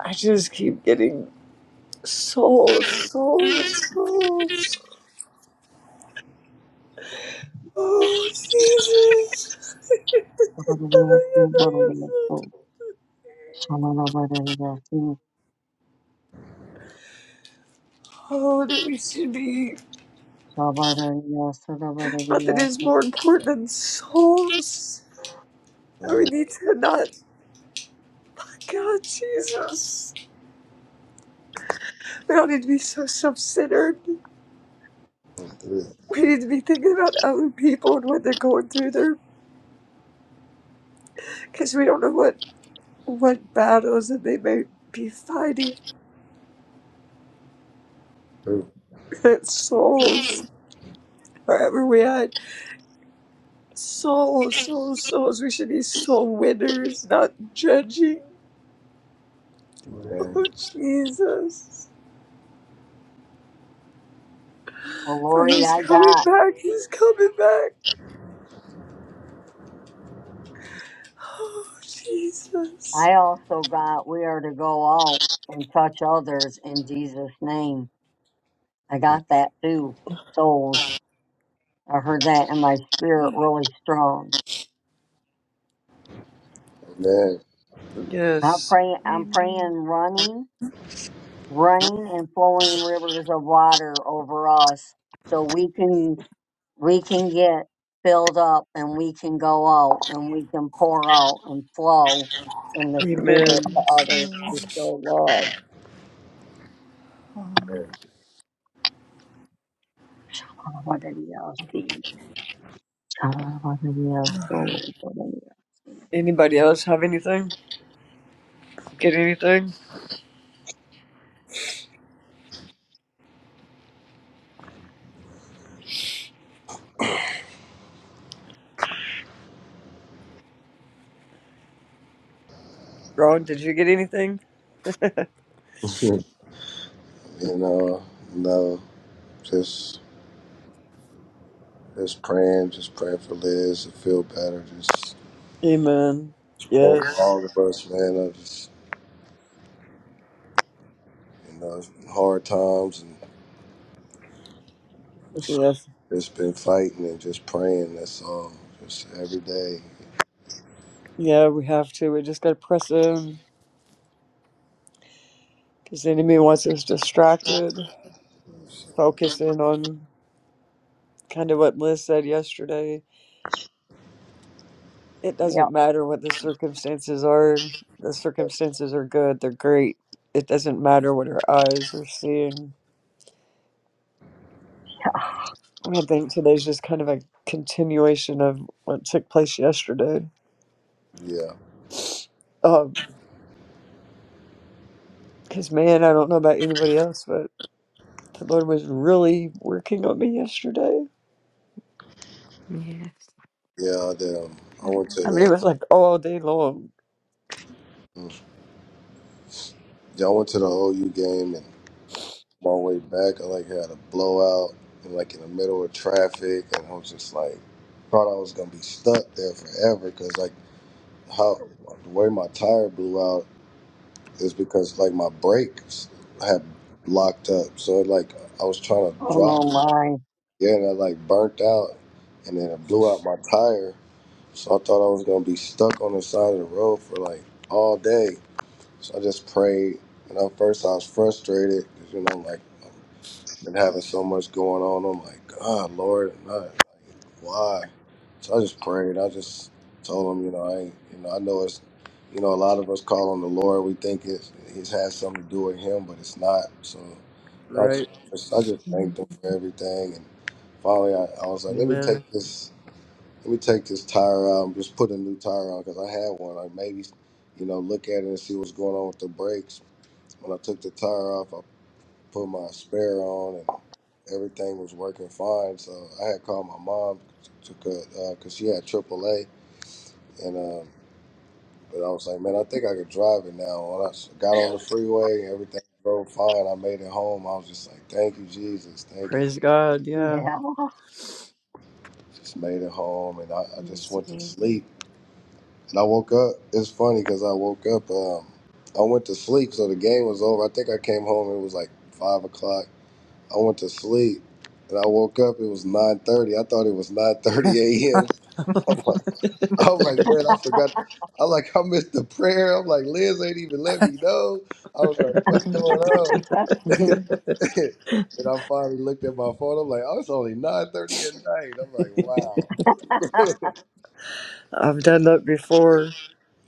B: I just keep getting souls, souls, souls. Oh, Jesus.
C: Hallelujah. Sing. Hallelujah. Sing. Hallelujah. Sing. Hallelujah. So.
B: Oh, that we should be,
C: Shabbat.
B: nothing
C: Hallelujah.
B: is
C: Sing.
B: more important than souls.
A: you.
B: we need to not, God, Jesus. We don't need to be so self centered.
A: Hallelujah.
B: we need to be thinking about other people and what they're going through there because we don't know what what battles that they may be fighting souls wherever we at souls souls souls we should be soul winners not judging
A: Amen.
B: oh jesus
C: The
B: for
C: glory
B: he's
C: I
B: coming
C: got,
B: back he's coming back oh jesus
C: I also got. We are to go out and touch others in Jesus' name. I got that too. Souls. I heard that in my spirit really strong.
A: Amen.
C: I
B: yes
C: pray, I'm praying running, running and flowing rivers of water over us so we can, we can get filled up and we can go out and we can pour out and flow in the spirit
B: amen
C: to others to show love.
A: Amen.
C: What did he else see? Uh, What did he else do? What did
B: anybody else have anything get anything ron did you get anything
A: You know, no, just. Just praying, just praying for Liz to feel better. Just,
B: amen
A: just praying for
B: yes
A: all of us, man. I just, you know, it's been hard times and just,
B: Yes.
A: just been fighting and just praying. That's all. Just every day.
B: Yeah, we have to. We just got to press in because the enemy wants us
A: Just-
B: distracted, focus in on kind of what Liz said yesterday. It
C: he- Yep.
B: doesn't matter what the circumstances are. The circumstances are good, they're great. It doesn't matter what our eyes are seeing. I I think today's just kind of a continuation of what took place yesterday.
A: yeah,
B: Because, man, I don't know about anybody else, but the Lord was really working on me yesterday.
A: yeah. The, um, I went to
B: I mean, it
A: the,
B: was like all day long,
A: mm, yeah, I went to the OU game and on my way back, I like had a blowout and like in the middle of traffic, and I was just like, thought I was gonna be stuck there forever because like. how the way my tire blew out is because like my brakes had locked up. So it, like I was trying to drive,
C: Oh my.
A: yeah, and I like burnt out, and then it blew out my tire. So I thought I was gonna be stuck on the side of the road for like all day. So I just prayed, and at first I was frustrated because you know like and having so much going on. I'm like, God, Lord, and I, like, why? So I just prayed. I just told him, you know, I, ain't- you know, I know it's, you know, a lot of us call on the Lord. We think it's it has something to do with Him, but it's not. So I
B: right?
A: just, I just thanked Him for everything, and finally, I, I was like, let me
B: Amen.
A: take this, let me take this tire out, and just put a new tire on because I had one. Like maybe, you know, look at it and see what's going on with the brakes. When I took the tire off, put my spare on and everything was working fine. So I had called my mom to because she had AAA, and um, but I was like, man, I think I could drive it now. When I s- got on the freeway, everything drove fine. I made it home. I was just like, thank you, Jesus, thank you.
B: Praise God. Yeah.
C: Yeah.
A: Just made it home, and I, I just went to sleep. And I woke up. It's funny because I woke up. Um, I went to sleep, so the game was over. I think I came home. It was like five o'clock I went to sleep and I woke up. It was nine thirty. I thought it was nine thirty
D: to.
A: a.m. I'm like, I'm like, man, I forgot. I like, I missed the prayer. I'm like, Liz ain't even let me know. I was like, what's going on? and I finally looked at my phone. I'm like, oh, it's only nine thirty at night. I'm like, wow,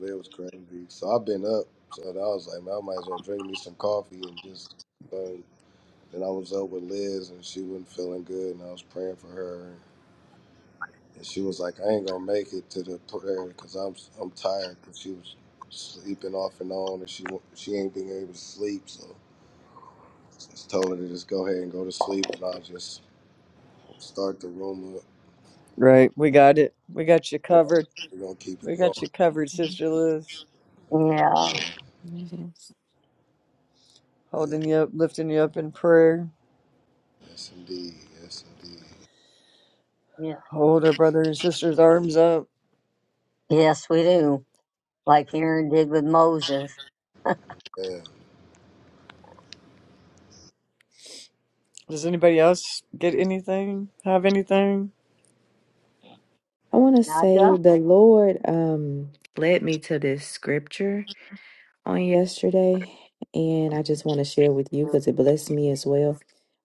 A: it was crazy. So I've been up. So I was like, man, I might as well drink me some coffee and just. Um, and I was up with Liz, and she wasn't feeling good, and I was praying for her. And she was like, I ain't gonna make it to the prayer because I'm I'm tired because she was sleeping off and on and she wa- she ain't being able to sleep. So I just told her to just go ahead and go to sleep and I'll just start the room up.
B: Right. We got it. We got you
A: Yeah,
B: covered.
A: we're gonna keep it
B: We
A: going.
B: got you covered, Sister Liz.
C: Yeah.
A: Yeah, yeah.
B: Holding you up, lifting you up in prayer.
A: Yes, indeed. Yes, indeed.
C: Yeah.
B: Hold our brother and sister's arms up.
C: Yes, we do. Like Aaron did with Moses.
A: Yeah,
B: Does anybody else get anything? Have anything?
C: Not ya?
F: on yesterday, and I just want to share with you because it blessed me as well.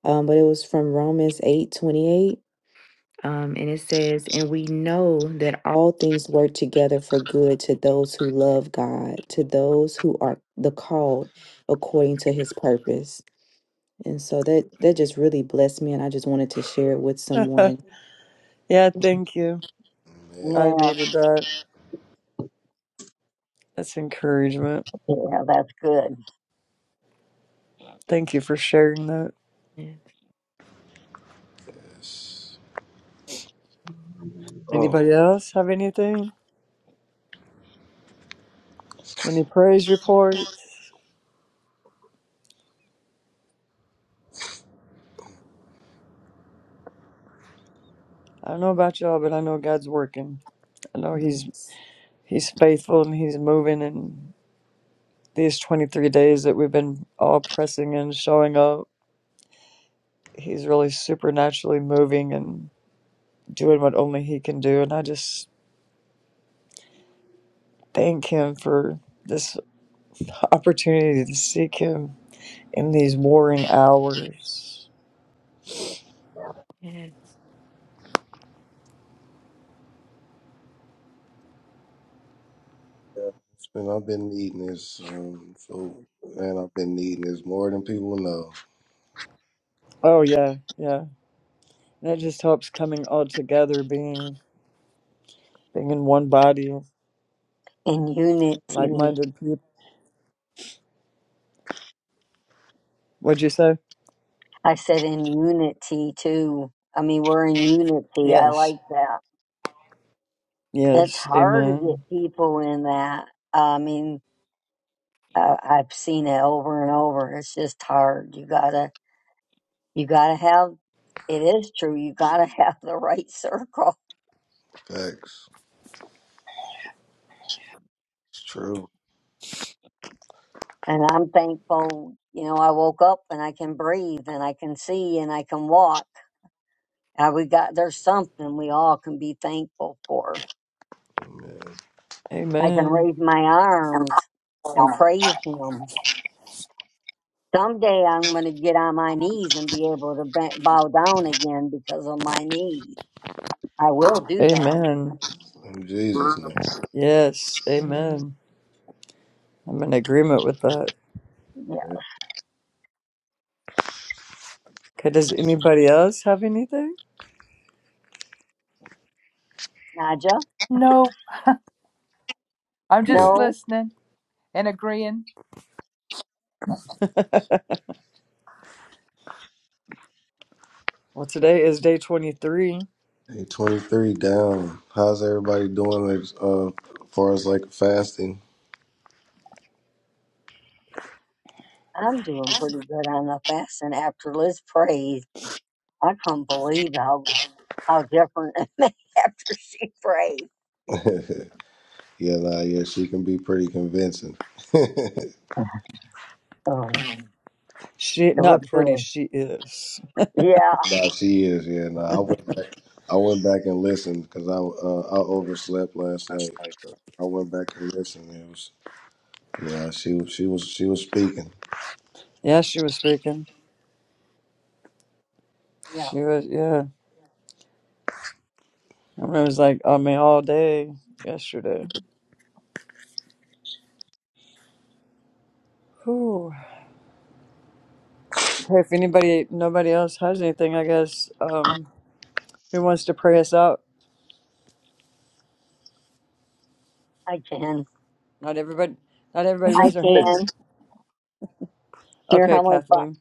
F: Um, but it was from Romans eight twenty eight, um, and it says, "And we know that all things work together for good to those who love God, to those who are the called according to His purpose." And so that that just really blessed me, and I just wanted to share it with someone.
B: yeah, thank you.
A: man.
B: I
C: Yeah.
B: needed that. That's encouragement.
C: Yeah, that's good.
B: Thank you for sharing that.
A: Yes. Oh,
B: Anybody else have anything? Any praise reports? I don't know about y'all, but I know God's working. I know He's
F: Yes.
B: He's faithful and He's moving and. these 23 days that we've been all pressing and showing up, he's really supernaturally moving and doing what only he can do. And I just thank him for this opportunity to seek him in these warring hours.
A: man. Yeah. It's been, I've been needing this um, food, man. I've been needing this more than people know.
B: Oh, yeah, yeah. That just helps coming all together, being, being in one body,
C: In
B: like
C: unity,
B: minded people. What'd you say?
C: I said in unity too. I mean, we're in unity. I
B: Yes.
C: like that. It's
B: Yes.
C: hard to get
B: Amen.
C: people in that. I mean, I, I've seen it over and over. It's just hard. You gotta, you gotta have. It is true. You gotta have the right circle.
A: Facts. It's true,
C: And I'm thankful. You know, I woke up and I can breathe and I can see and I can walk. Uh, we got there's something we all can be thankful for
A: man.
C: I can
B: Amen.
C: raise my arms and praise Him. Someday I'm going to get on my knees and be able to ba- bow down again because of my knees. I will do that.
B: Amen.
A: In Jesus' name.
B: Yes. Amen. I'm in agreement with that.
C: Yeah.
A: man.
B: Okay, does anybody else have anything?
C: Naja?
D: No, I'm just
C: No,
D: listening and agreeing.
B: Well, today is day 23.
A: hey, 23 down. How's everybody doing as uh, far as like fasting?
C: I'm doing pretty good on the fast and after Liz prays. I couldn't believe how how different it made after she prayed.
A: yeah, nah, yeah, she can be pretty convincing. nah,
C: Oh,
B: She,
C: it was
B: not pretty,
C: good.
B: she is.
C: Yeah,
A: she is. Yeah, nah. I went back. I went back and listened because I uh, I overslept last night. I went back and listened. It was yeah. She was she was she was speaking.
B: Yeah, she was speaking.
C: yeah,
B: She was, yeah. I mean, it was like on me all day yesterday. Whew. Okay, if anybody, nobody else has anything, I guess, um, who wants to pray us out?
C: I can.
B: Not everybody, not everybody
C: I
B: raise their hand.
C: can. Dear
B: Okay,
C: Heavenly, Fa-
B: Kathleen.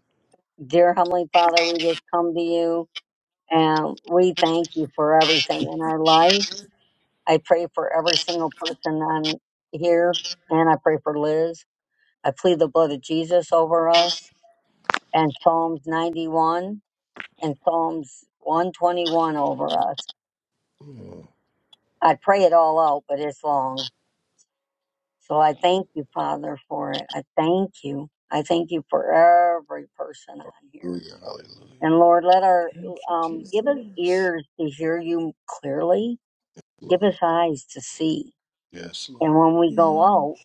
C: Dear Heavenly Father, we just come to you. And we thank you for everything in our life. I pray for every single person on here, and I pray for Liz. I plead the blood of Jesus over us, and Psalms 91 and Psalms 121 over us.
A: Yeah.
C: I pray it all out, but it's long. So I thank you, Father, for it. I thank you. I thank you for every person on here.
A: Hallelujah. Hallelujah.
C: And Lord, let our,
B: Thank you,
C: um, give us
B: Jesus.
C: ears to hear you clearly.
A: Lord.
C: Give us eyes to see
A: Yes,
C: And
A: Lord.
C: when we go
B: Yeah.
C: out,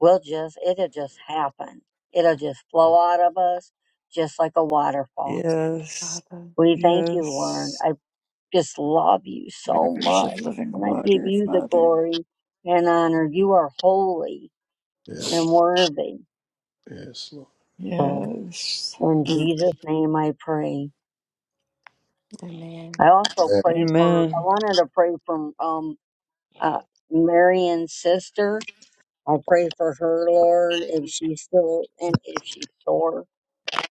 C: we'll just, it'll just happen. It'll just flow out of us just like a waterfall.
B: Yes,
C: We thank you, Lord.
B: yes,
C: I just love you so
B: rivers
C: much.
B: of living
C: And I give
B: water,
C: you the
B: Father.
C: glory and honor. You are holy and
A: Yes.
C: worthy.
A: Yes, Lord.
C: So
B: Yes.
C: in
A: Amen.
C: Jesus' name I pray. I also pray for, I
B: Amen.
C: wanted to pray for, um, uh, Marion's sister. I pray for her, Lord, if she's still, and if she's sore.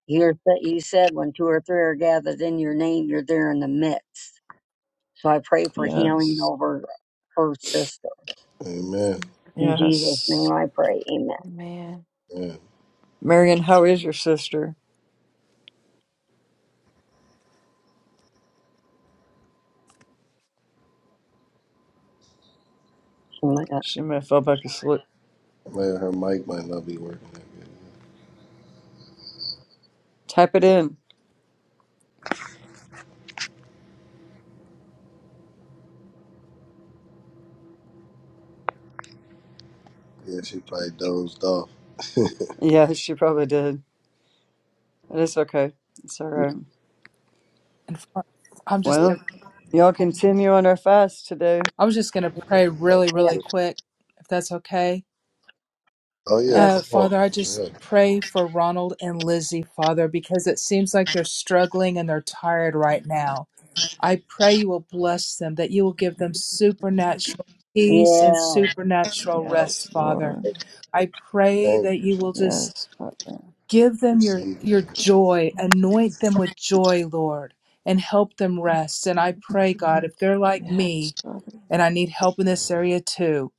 C: You're, you said when two or three are gathered in your name, you're there in the midst. So I pray for healing
B: Yes.
C: over her sister.
A: Amen.
C: In Jesus' name
B: Yes.
C: I pray. Amen.
A: Amen.
B: Marion, how is your sister?
C: Oh my God.
B: She may have fell back asleep.
A: Man, her mic might not be working that good.
B: Type it in.
A: Yeah, she probably dozed off.
B: Yeah, she probably did. But it's okay. It's all
A: Yeah.
B: right.
D: And fr- I'm just
A: What
B: Well,
D: gonna,
B: y'all continue on our fast today.
D: I was just gonna pray really really
C: Yeah.
A: happened?
D: quick if that's okay.
A: Oh, yeah,
D: Uh,
A: come
B: Yes.
A: on.
D: Father, I just
A: Yeah.
D: pray for Ronald and Lizzie, Father, because it seems like they're struggling and they're tired right now. I pray you will bless them, that you will give them supernatural peace and
C: Yeah.
D: supernatural
A: Hallelujah.
D: rest,
B: Yes,
D: Father.
B: Lord.
D: I pray
A: Thank
D: that
A: you.
D: you
A: She
D: will just
B: Yes, Father.
D: give them your,
A: received
D: your
A: that.
D: joy, anoint them with joy, Lord, and help them rest. And I pray, God, if they're like
B: Yes,
D: me
B: Father.
D: and I need help in this area too,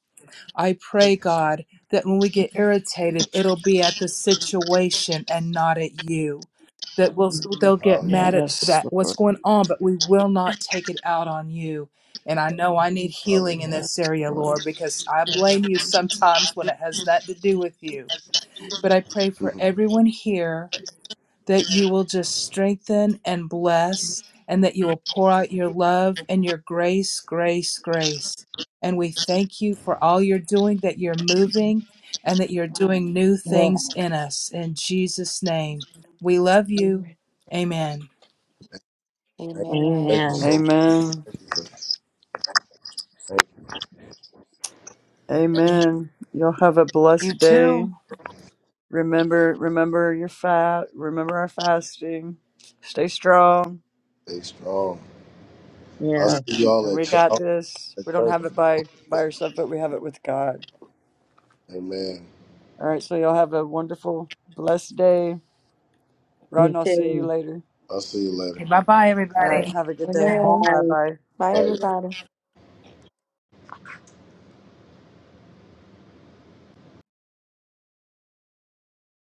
D: I pray, God, that when we get irritated, it'll be at the situation and not at you. That we'll Mhm. they'll get
A: Hallelujah.
D: mad at
B: Yes,
D: that what's
B: Lord.
D: going on, but we will not take it out on you. And I know I need
A: Hallelujah.
D: healing in
B: Yes,
D: this area,
B: Lord.
D: Lord, because I blame you sometimes when it has nothing to do with you. But I pray for everyone here that you will just strengthen and bless, and that you will pour out your love and your grace, grace, grace. And we thank you for all you're doing, that you're moving, and that you're doing new
C: yeah.
D: things in us. In Jesus' name, we love you. Amen.
A: thank, thank you
C: Amen.
A: so much.
B: Amen.
A: Thank you for thank you.
B: Amen. Y'all have a
D: You
B: blessed day.
D: too.
B: Remember, remember your fast. Remember our fasting. Stay strong.
A: Stay strong. I'll see
C: Yeah.
B: And
A: y'all at,
B: we
A: ch-
B: got
A: I'll see
B: this.
A: you
B: We
A: at
B: don't have
A: church.
B: it by by ourselves, but we have it with God.
A: Amen.
B: All right. So y'all have a wonderful, blessed day. Ron,
C: You
B: I'll see you
C: too.
B: later.
A: I'll see you later.
D: Bye bye,
B: All
A: All
B: right.
A: right.
D: everybody.
B: Have a good day. Bye
C: Bye.
B: bye.
A: Bye.